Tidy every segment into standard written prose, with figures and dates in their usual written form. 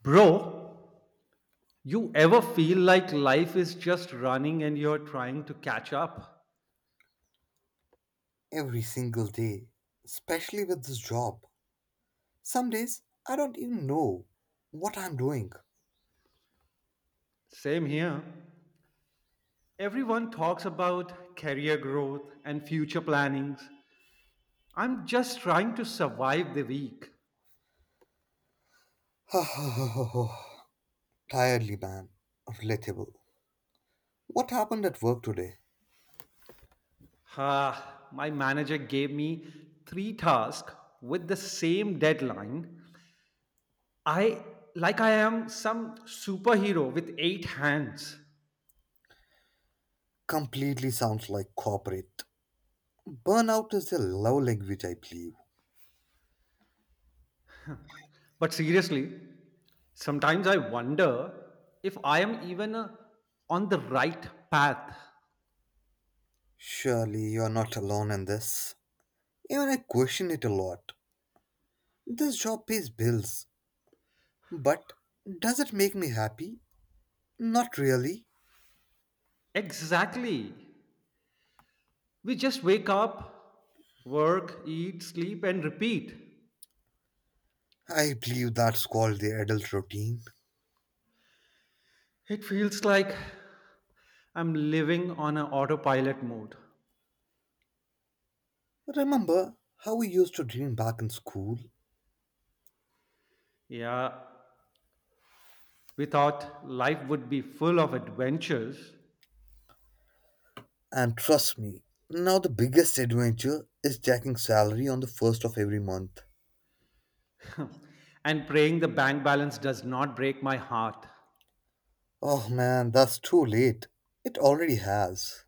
Bro, you ever feel like life is just running and you're trying to catch up? Every single day, especially with this job. Some days I don't even know what I'm doing. Same here. Everyone talks about career growth and future plannings. I'm just trying to survive the week. Tiredly, man. Relatable. What happened at work today? Ah, my manager gave me three tasks with the same deadline. I like I am some superhero with eight hands. Completely sounds like corporate. Burnout is a love language, I believe. But seriously, sometimes I wonder if I am even on the right path. Surely you're not alone in this. Even I question it a lot. This job pays bills, but does it make me happy? Not really. Exactly. We just wake up, work, eat, sleep, and repeat. I believe that's called the adult routine. It feels like I'm living on an autopilot mode. Remember how we used to dream back in school? Yeah, we thought life would be full of adventures, And trust me, now the biggest adventure is jacking salary on the first of every month. and praying the bank balance does not break my heart. Oh man, that's too late. It already has.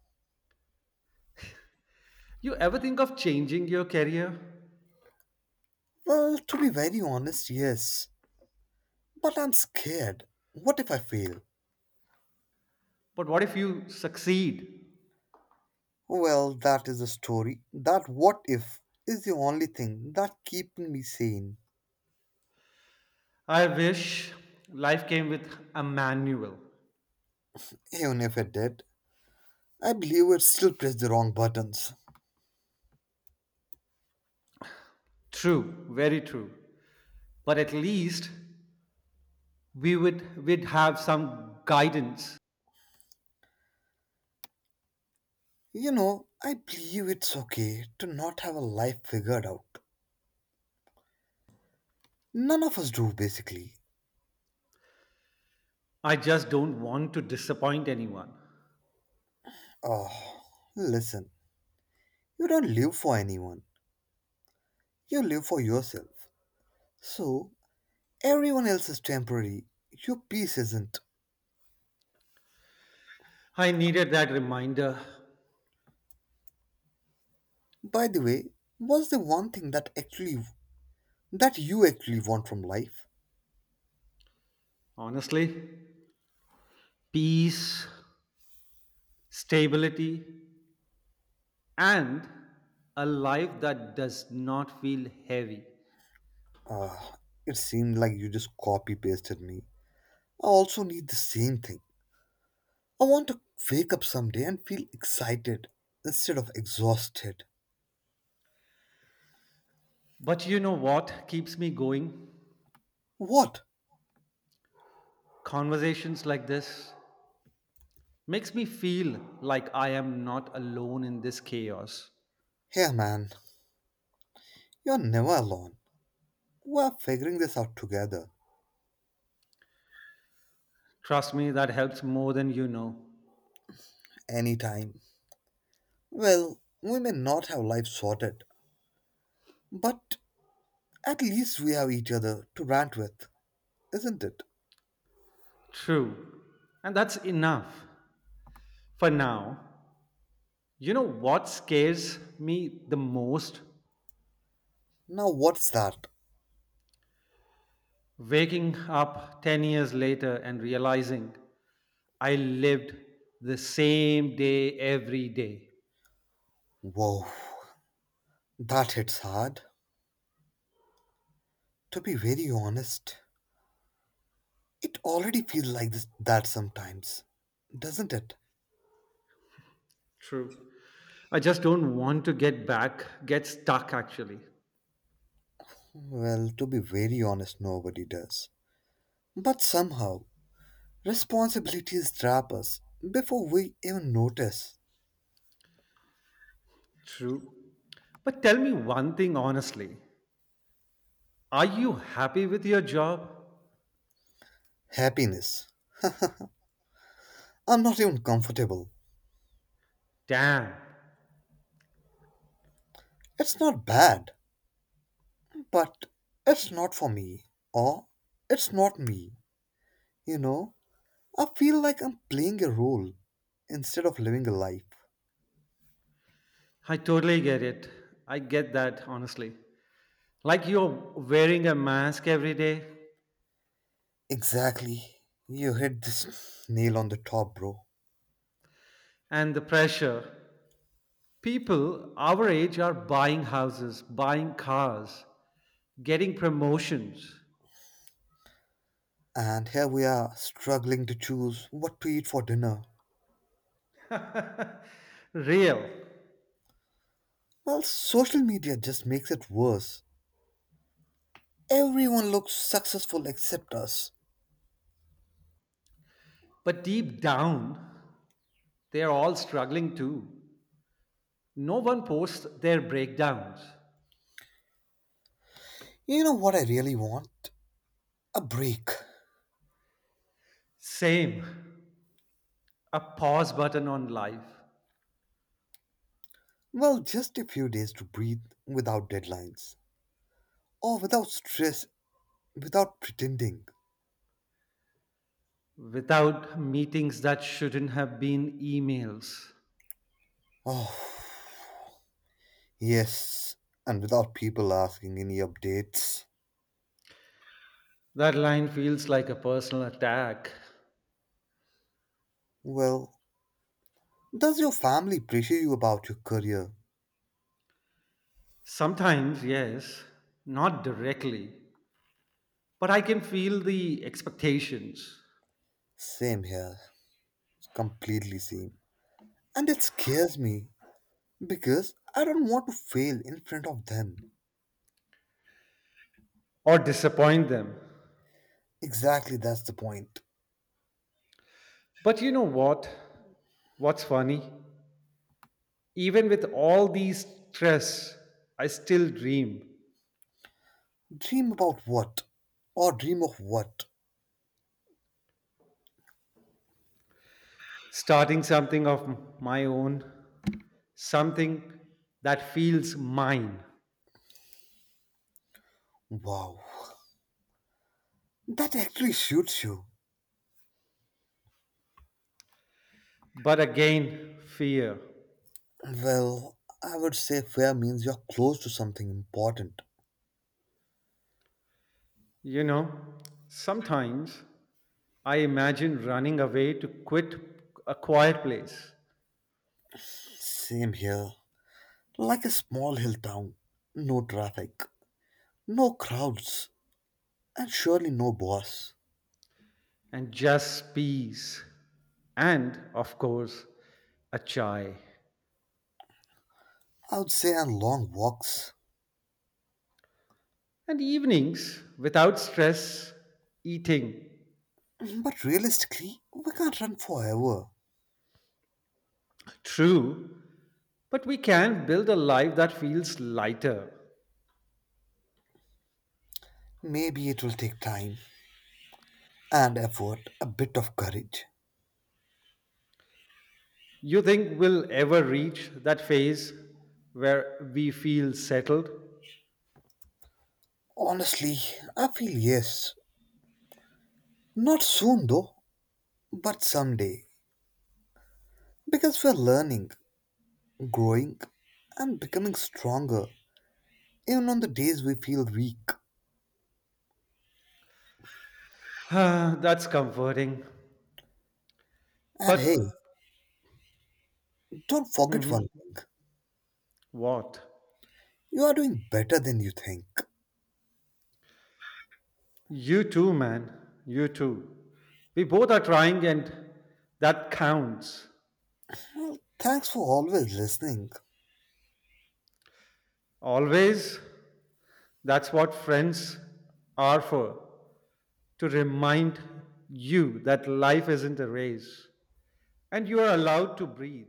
You ever think of changing your career? Well, to be very honest, yes. But I'm scared. What if I fail? But what if you succeed? Well, that is the story. That what if is the only thing that keeping me sane. I wish life came with a manual. Even if it did, I believe it still pressed the wrong buttons. True, very true. But at least we'd have some guidance. You know, I believe it's okay to not have a life figured out. None of us do, basically. I just don't want to disappoint anyone. Oh, listen, you don't live for anyone, you live for yourself. So, everyone else is temporary, your peace isn't. I needed that reminder, By the way, what's the one thing that you actually want from life? honestly. Peace, stability, and a life that does not feel heavy. Ah, it seemed like you just copy pasted me. I also need the same thing. I want to wake up someday and feel excited instead of exhausted. But you know what keeps me going? What? Conversations like this, makes me feel like I am not alone in this chaos. Hey man, you're never alone. We're figuring this out together. Trust me, that helps more than you know. Anytime. Well, we may not have life sorted, but at least we have each other to rant with, isn't it? True. And that's enough for now. You know what scares me the most? Now, what's that? Waking up 10 years later and realizing I lived the same day every day. Whoa, that hits hard. To be very honest, it already feels like this, that sometimes, doesn't it? True. I just don't want to get back, get stuck actually. Well, to be very honest, nobody does. But somehow, responsibilities trap us before we even notice. True. But tell me one thing honestly, are you happy with your job? Happiness. I'm not even comfortable. Damn. It's not bad, but it's not for me. Or it's not me. You know? I feel like I'm playing a role instead of living a life. I totally get it. I get that, honestly. Like you're wearing a mask every day, Exactly. You hit this nail on the top, bro. and the pressure. People our age are buying houses, buying cars, getting promotions. And here we are, struggling to choose what to eat for dinner. Real. Well, social media just makes it worse. Everyone looks successful except us. But deep down, they're all struggling too. No one posts their breakdowns. You know what I really want? A break. Same. A pause button on life. Well, just a few days to breathe without deadlines, or without stress, without pretending. Without meetings that shouldn't have been emails. Oh, yes, and without people asking any updates. That line feels like a personal attack. Well, does your family pressure you about your career? Sometimes, yes, not directly, but I can feel the expectations Same here, completely same. And it scares me because I don't want to fail in front of them. or disappoint them. Exactly, that's the point. But you know what? What's funny? Even with all these stress, I still dream Dream about what? Or dream of what? starting something of my own, something that feels mine. Wow, that actually shoots you. But again, fear. Well, I would say fair means you're close to something important. You know, sometimes I imagine running away to quit a quiet place Same here. Like a small hill town. No traffic, no crowds, and surely no boss. and just peace. And, of course, a chai. I would say on long walks. And evenings without stress, eating. But realistically, we can't run forever. True, but we can build a life that feels lighter. Maybe it will take time and effort, a bit of courage. You think we'll ever reach that phase where we feel settled? Honestly, I feel yes. Not soon though, but someday. Because we're learning, growing, and becoming stronger, even on the days we feel weak. That's comforting. And hey, But don't forget mhm, one thing, what? you are doing better than you think. You too, man. You too. We both are trying, and that counts. Well, thanks for always listening. Always, that's what friends are for, to remind you that life isn't a race and you are allowed to breathe.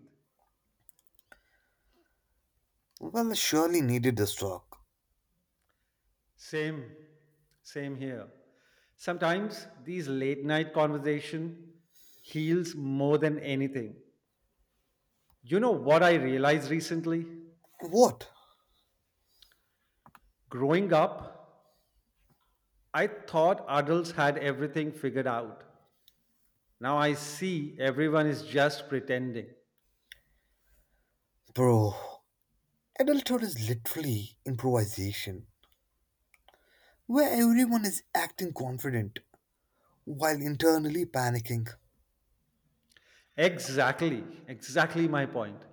Well, I surely needed this talk. Same, same here. Sometimes these late night conversation heals more than anything. You know what I realized recently? What? Growing up, I thought adults had everything figured out. Now I see everyone is just pretending. Bro, adulthood is literally improvisation, where everyone is acting confident while internally panicking. Exactly, exactly my point.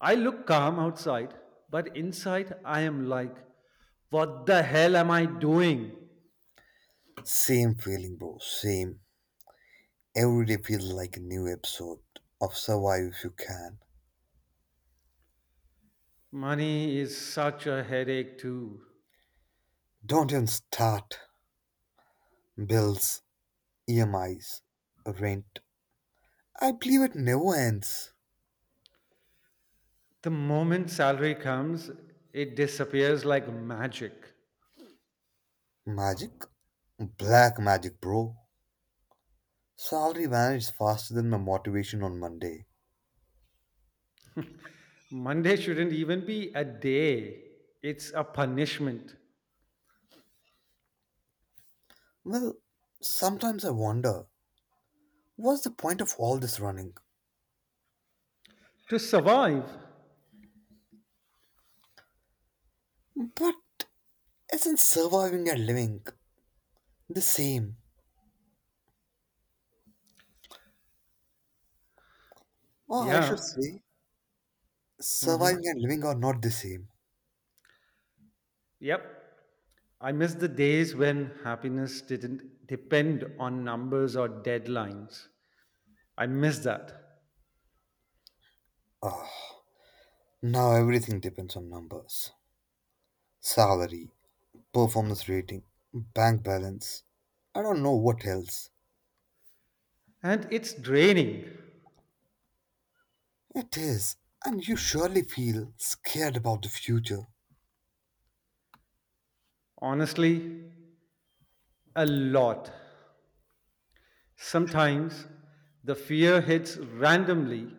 I look calm outside, but inside I am like, what the hell am I doing? Same feeling, bro, same. Every day feels like a new episode of Survive If You Can. Money is such a headache, too. Don't even start. Bills, EMIs, rent, I believe it never ends. The moment salary comes, it disappears like magic. Magic? Black magic, bro. Salary vanished faster than my motivation on Monday. Monday shouldn't even be a day, it's a punishment Well, sometimes I wonder, what's the point of all this running? to survive. But isn't surviving and living the same? Or I should Yeah. say, surviving Hmm. and living are not the same. Yep. I miss the days when happiness didn't depend on numbers or deadlines. I miss that. Ah, now everything depends on numbers. Salary, performance rating, bank balance. I don't know what else. And it's draining, It is, and you surely feel scared about the future. honestly, a lot. Sometimes the fear hits randomly,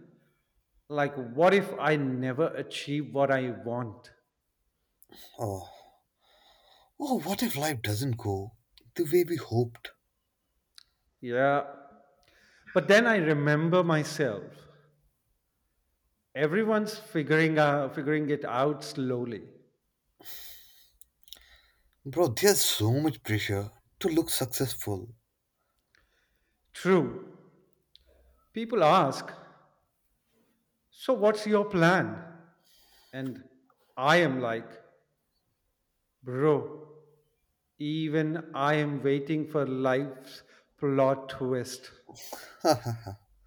like, what if I never achieve what I want? Oh, oh, what if life doesn't go the way we hoped? Yeah. But then I remember myself. Figuring it out slowly. Bro, there's so much pressure to look successful. True. People ask, so what's your plan? And I am like, bro, even I am waiting for life's plot twist.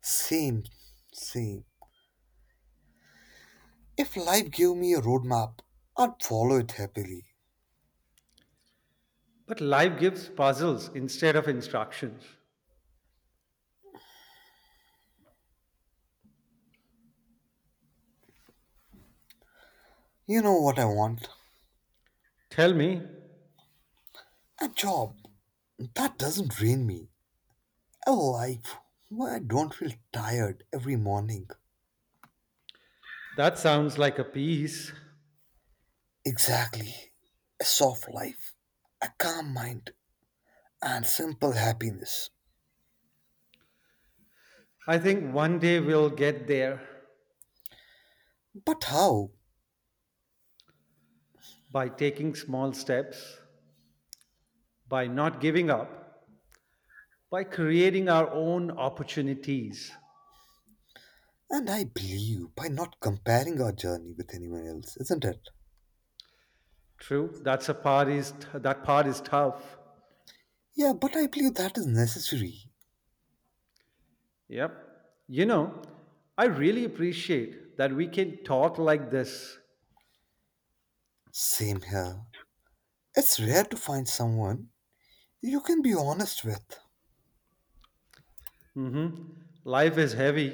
Same, same. If life gave me a roadmap, I'd follow it happily. But life gives puzzles instead of instructions. You know what I want? Tell me, A job that doesn't drain me. A life where I don't feel tired every morning. that sounds like a piece. Exactly. A soft life, a calm mind, and simple happiness. I think one day we'll get there But how? by taking small steps, by not giving up, by creating our own opportunities. And I believe by not comparing our journey with anyone else, isn't it? True, that part is tough. Yeah, but I believe that is necessary. Yep. You know, I really appreciate that we can talk like this. Same here. It's rare to find someone you can be honest with. Mm-hmm. Life is heavy,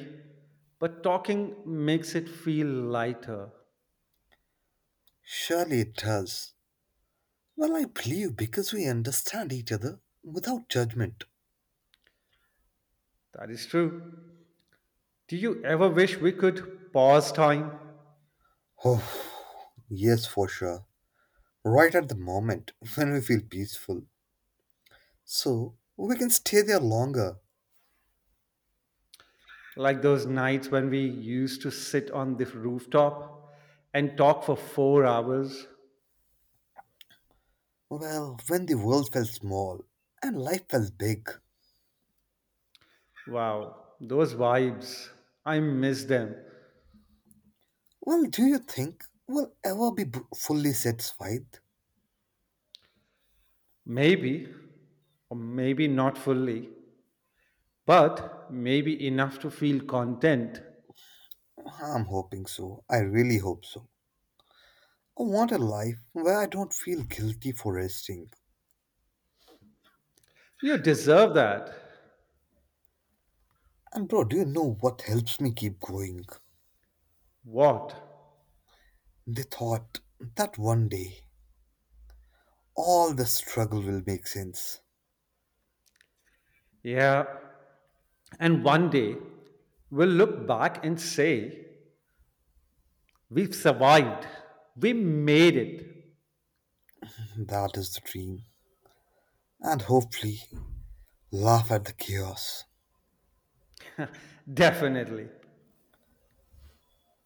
but talking makes it feel lighter. Surely it does. Well, I believe because we understand each other without judgment. That is true. Do you ever wish we could pause time? Oh, yes, for sure. Right at the moment when we feel peaceful. So, we can stay there longer. Like those nights when we used to sit on the rooftop and talk for 4 hours? Well, when the world felt small and life felt big, Wow, those vibes. I miss them. well, do you think we'll ever be fully satisfied? Maybe, or maybe not fully, but maybe enough to feel content. I'm hoping so. I really hope so. I want a life where I don't feel guilty for resting. You deserve that. And, bro, do you know what helps me keep going? What? The thought that one day all the struggle will make sense. Yeah. And one day, we'll look back and say, we've survived. We made it. That is the dream. And hopefully, laugh at the chaos. Definitely.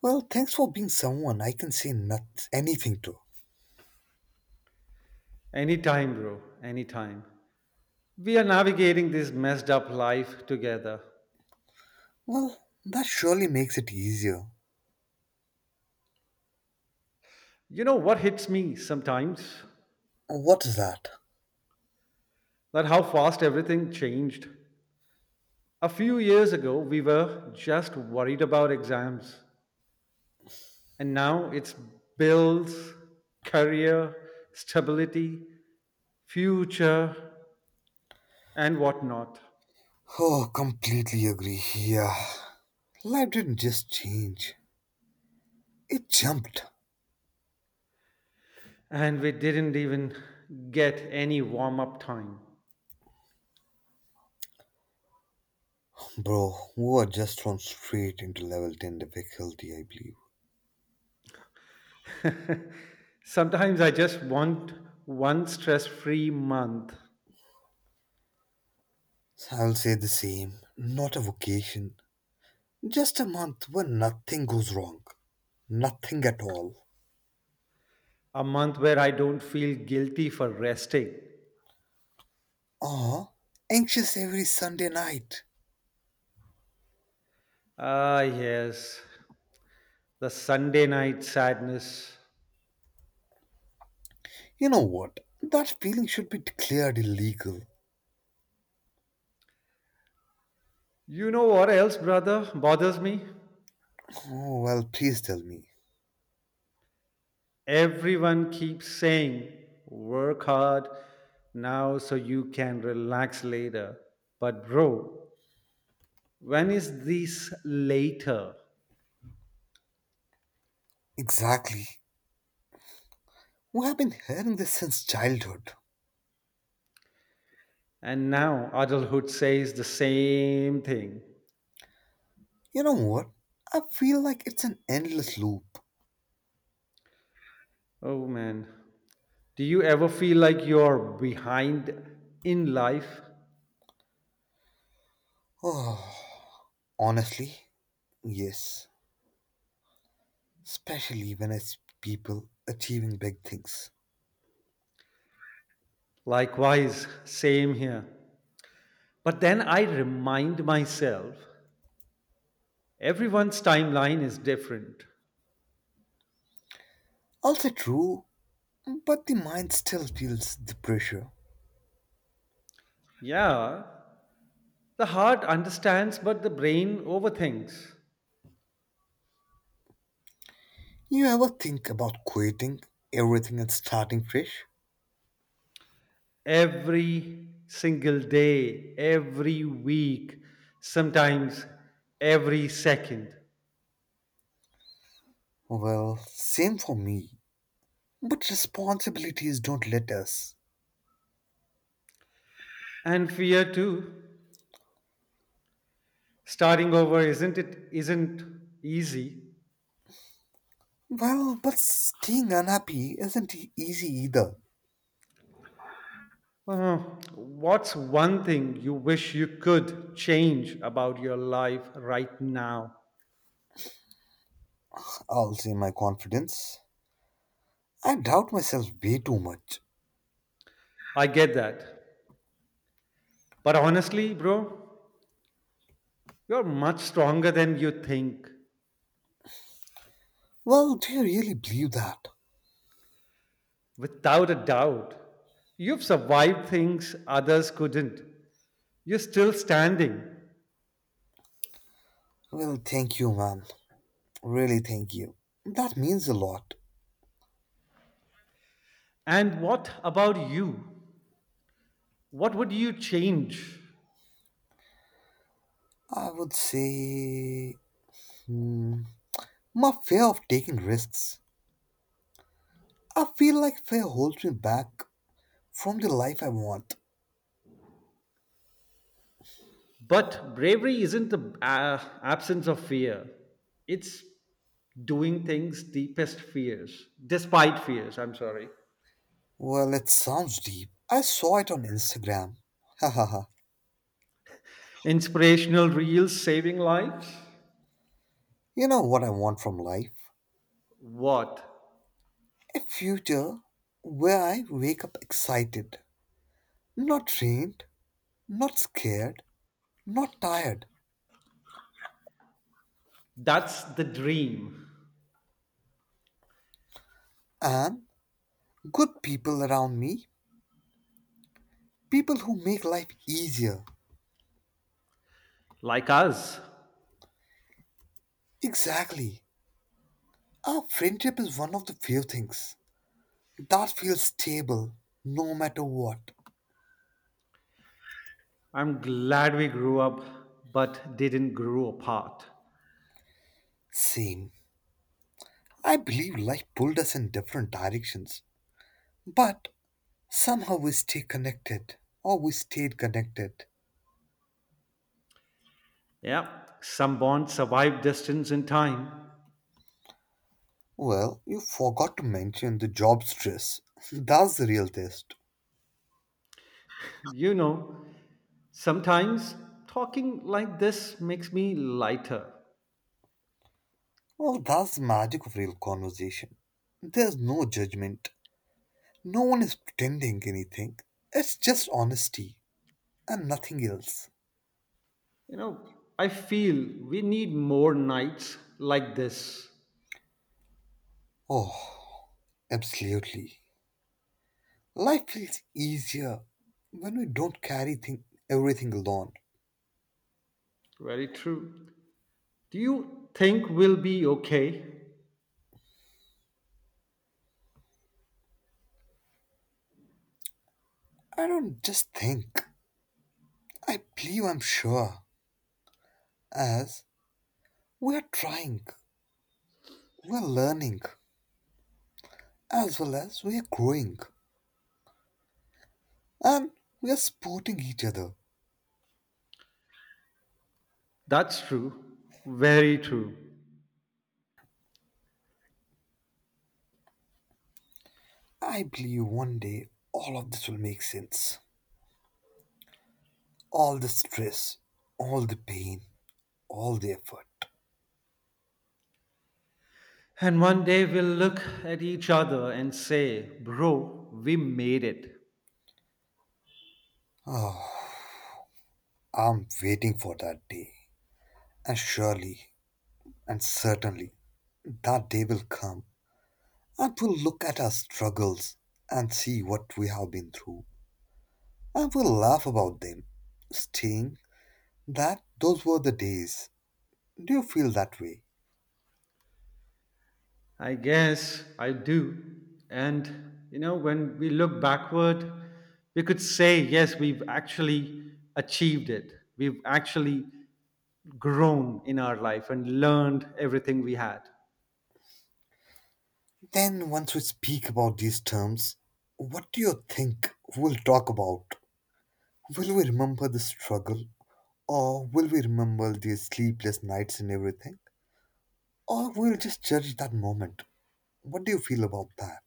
Well, thanks for being someone I can say not anything to. Anytime, bro. Anytime. We are navigating this messed up life together. Well, that surely makes it easier. You know what hits me sometimes? What's that? That how fast everything changed. A few years ago, we were just worried about exams. And now it's bills, career, stability, future, and whatnot. Oh, completely agree. Yeah. Life didn't just change, it jumped. And we didn't even get any warm up time. Bro, we were just thrown straight into level 10 difficulty, I believe. Sometimes I just want one stress free month, I'll say the same. Not a vacation. Just a month when nothing goes wrong. Nothing at all. a month where I don't feel guilty for resting. Ah, anxious every Sunday night. Ah, yes, the Sunday night sadness. You know what? That feeling should be declared illegal. You know what else, brother, bothers me? Oh, well, please tell me. Everyone keeps saying, work hard now so you can relax later. But, bro, when is this later? Exactly. We have been hearing this since childhood. And now adulthood says the same thing. You know what? I feel like it's an endless loop. Oh man. Do you ever feel like you're behind in life? Oh, honestly, yes. Especially when I see people achieving big things. Likewise, same here. But then I remind myself everyone's timeline is different. I'll say true, but the mind still feels the pressure. Yeah, the heart understands, but the brain overthinks You ever think about quitting everything and starting fresh? every single day, every week, sometimes every second. Well, same for me. But responsibilities don't let us. And fear too. Starting over isn't easy. Well, but staying unhappy isn't easy either. Uh, what's one thing you wish you could change about your life right now? I'll say my confidence. I doubt myself way too much. I get that. But honestly, bro, you're much stronger than you think. Well, do you really believe that? Without a doubt, you've survived things others couldn't. You're still standing. Well, thank you, man. Really, thank you. That means a lot. And what about you? What would you change? I would say, hmm, my fear of taking risks. I feel like fear holds me back from the life I want. But bravery isn't the absence of fear, it's doing things deepest fears, despite fears, I'm sorry. Well, it sounds deep. I saw it on Instagram. Hahaha. Inspirational reels saving lives? You know what I want from life? What? A future where I wake up excited, not drained, not scared, not tired, That's the dream. and good people around me, people who make life easier. Like us. Exactly. Our friendship is one of the few things that feels stable no matter what. I'm glad we grew up but didn't grow apart. Same. I believe life pulled us in different directions, but somehow we stay connected or we stayed connected. Yeah, some bonds survive distance and time. Well, you forgot to mention the job stress. That's the real test. You know, sometimes talking like this makes me lighter. Well, that's the magic of real conversation. There's no judgment, no one is pretending anything. It's just honesty and nothing else. You know, I feel we need more nights like this. Oh, absolutely. Life feels easier when we don't carry everything alone. Very true. Do you think we'll be okay? I don't just think, I believe I'm sure. As we are trying, we are learning, as well as we are growing, and we are supporting each other. That's true. Very true. I believe one day all of this will make sense. All the stress, all the pain, all the effort. And one day we'll look at each other and say, Bro, we made it. Ah. I'm waiting for that day, and surely and certainly that day will come, and we'll look at our struggles and see what we have been through, and we'll laugh about them, saying that those were the days. Do you feel that way? I guess I do. And, you know, when we look backward, we could say, yes, we've actually achieved it. We've actually grown in our life and learned everything we had. Then, once we speak about these terms, what do you think we'll talk about? Will we remember the struggle, or will we remember these sleepless nights and everything, or we'll just judge that moment? What do you feel about that?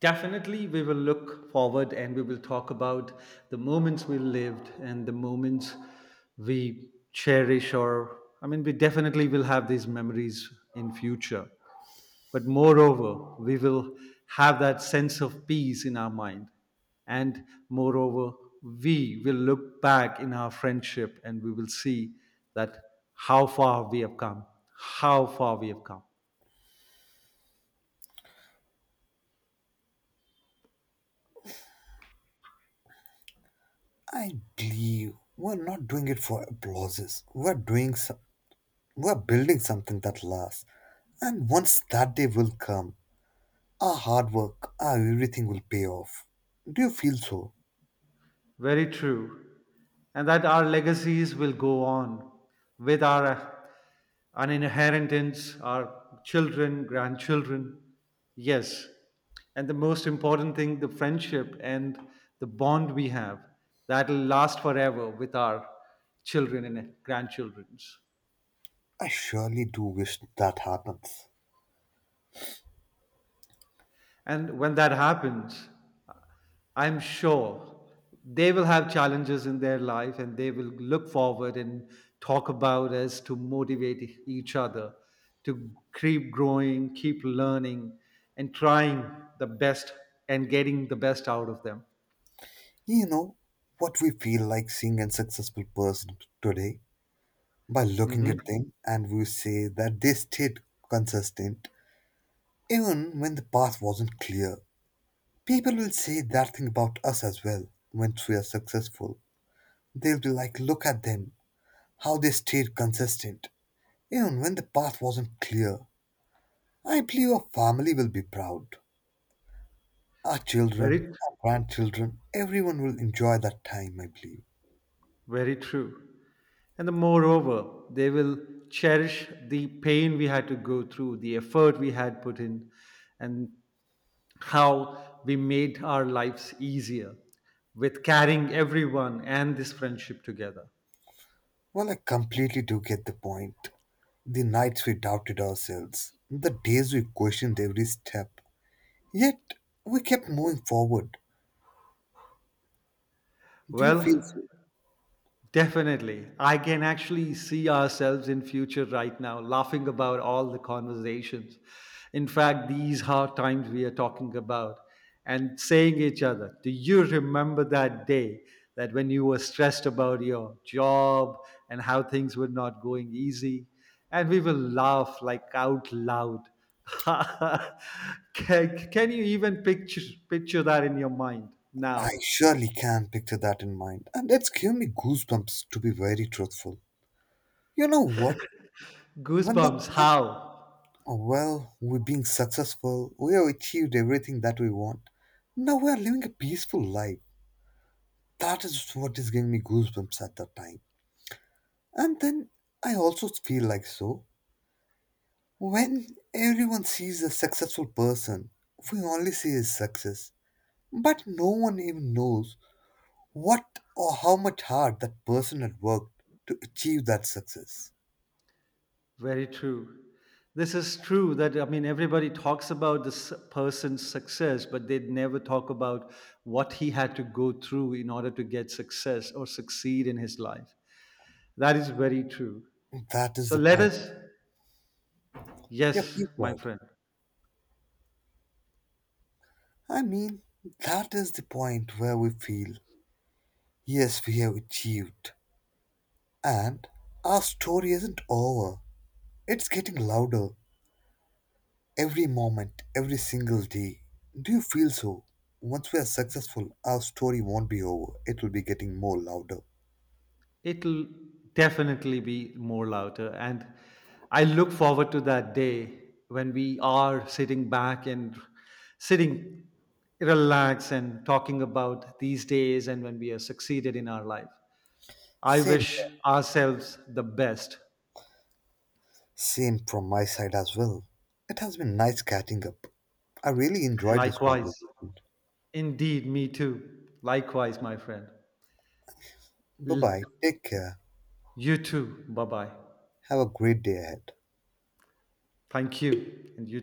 Definitely, we will look forward and we will talk about the moments we lived and the moments we cherish, or I mean we definitely will have these memories in future. But moreover, we will have that sense of peace in our mind. And moreover, we will look back in our friendship and we will see that how far we have come, how far we have come. I believe we're not doing it for applauses. We're building something that lasts. And once that day will come, our hard work, our everything will pay off. Do you feel so? Very true. And that our legacies will go on with our an inheritance, our children, grandchildren. Yes. And the most important thing, the friendship and the bond we have, that'll last forever with our children and grandchildrens. I surely do wish that happens. And when that happens, I'm sure they will have challenges in their life and they will look forward and talk about us to motivate each other to keep growing, keep learning, and trying the best and getting the best out of them. You know what we feel like seeing a successful person today? By looking Hmm. at them and we say that they stayed consistent even when the path wasn't clear. People will say that thing about us as well once we are successful. They'll be like, look at them, how they stayed consistent, even when the path wasn't clear. I believe our family will be proud. Our children, Very, our grandchildren, everyone will enjoy that time, I believe. very true. And the moreover, they will cherish the pain we had to go through, the effort we had put in, and how we made our lives easier with carrying everyone and this friendship together. Well, I completely do get the point. The nights we doubted ourselves, the days we questioned every step. Yet, we kept moving forward. Do you feel Well, so? definitely. I can actually see ourselves in future right now laughing about all the conversations. In fact, these hard times we are talking about and saying each other, do you remember that day that when you were stressed about your job and how things were not going easy? And we will laugh like out loud. Can you even picture that in your mind I now? surely can picture that in mind, and it's given me goosebumps to be very truthful. You know what? When that Goosebumps, time, how? oh, well, we're being successful, we have achieved everything that we want. Now we are living a peaceful life. That is what is giving me goosebumps at that time. And then I also feel like so. When everyone sees a successful person, we only see his success. But no one even knows what or how much hard that person had worked to achieve that success. Very true. This is true that, I mean, everybody talks about this person's success, but they never talk about what he had to go through in order to get success or succeed in his life. That is very true. That is So the let point. us, Yep, yes, you my said. friend. I mean, that is the point where we feel, yes, we have achieved. And our story isn't over. It's getting louder every moment, every single day. Do you feel so? Once we are successful, our story won't be over. It will be getting more louder. It'll definitely be more louder. And I look forward to that day when we are sitting back and sitting relaxed and talking about these days and when we have succeeded in our life. I Same wish ourselves the best. Same from my side as well. It has been nice catching up. I really enjoyed this Likewise. conversation. Indeed, me too. Likewise, my friend. Bye bye. L- Take care. you too. Bye bye. Have a great day ahead. Thank you. And you.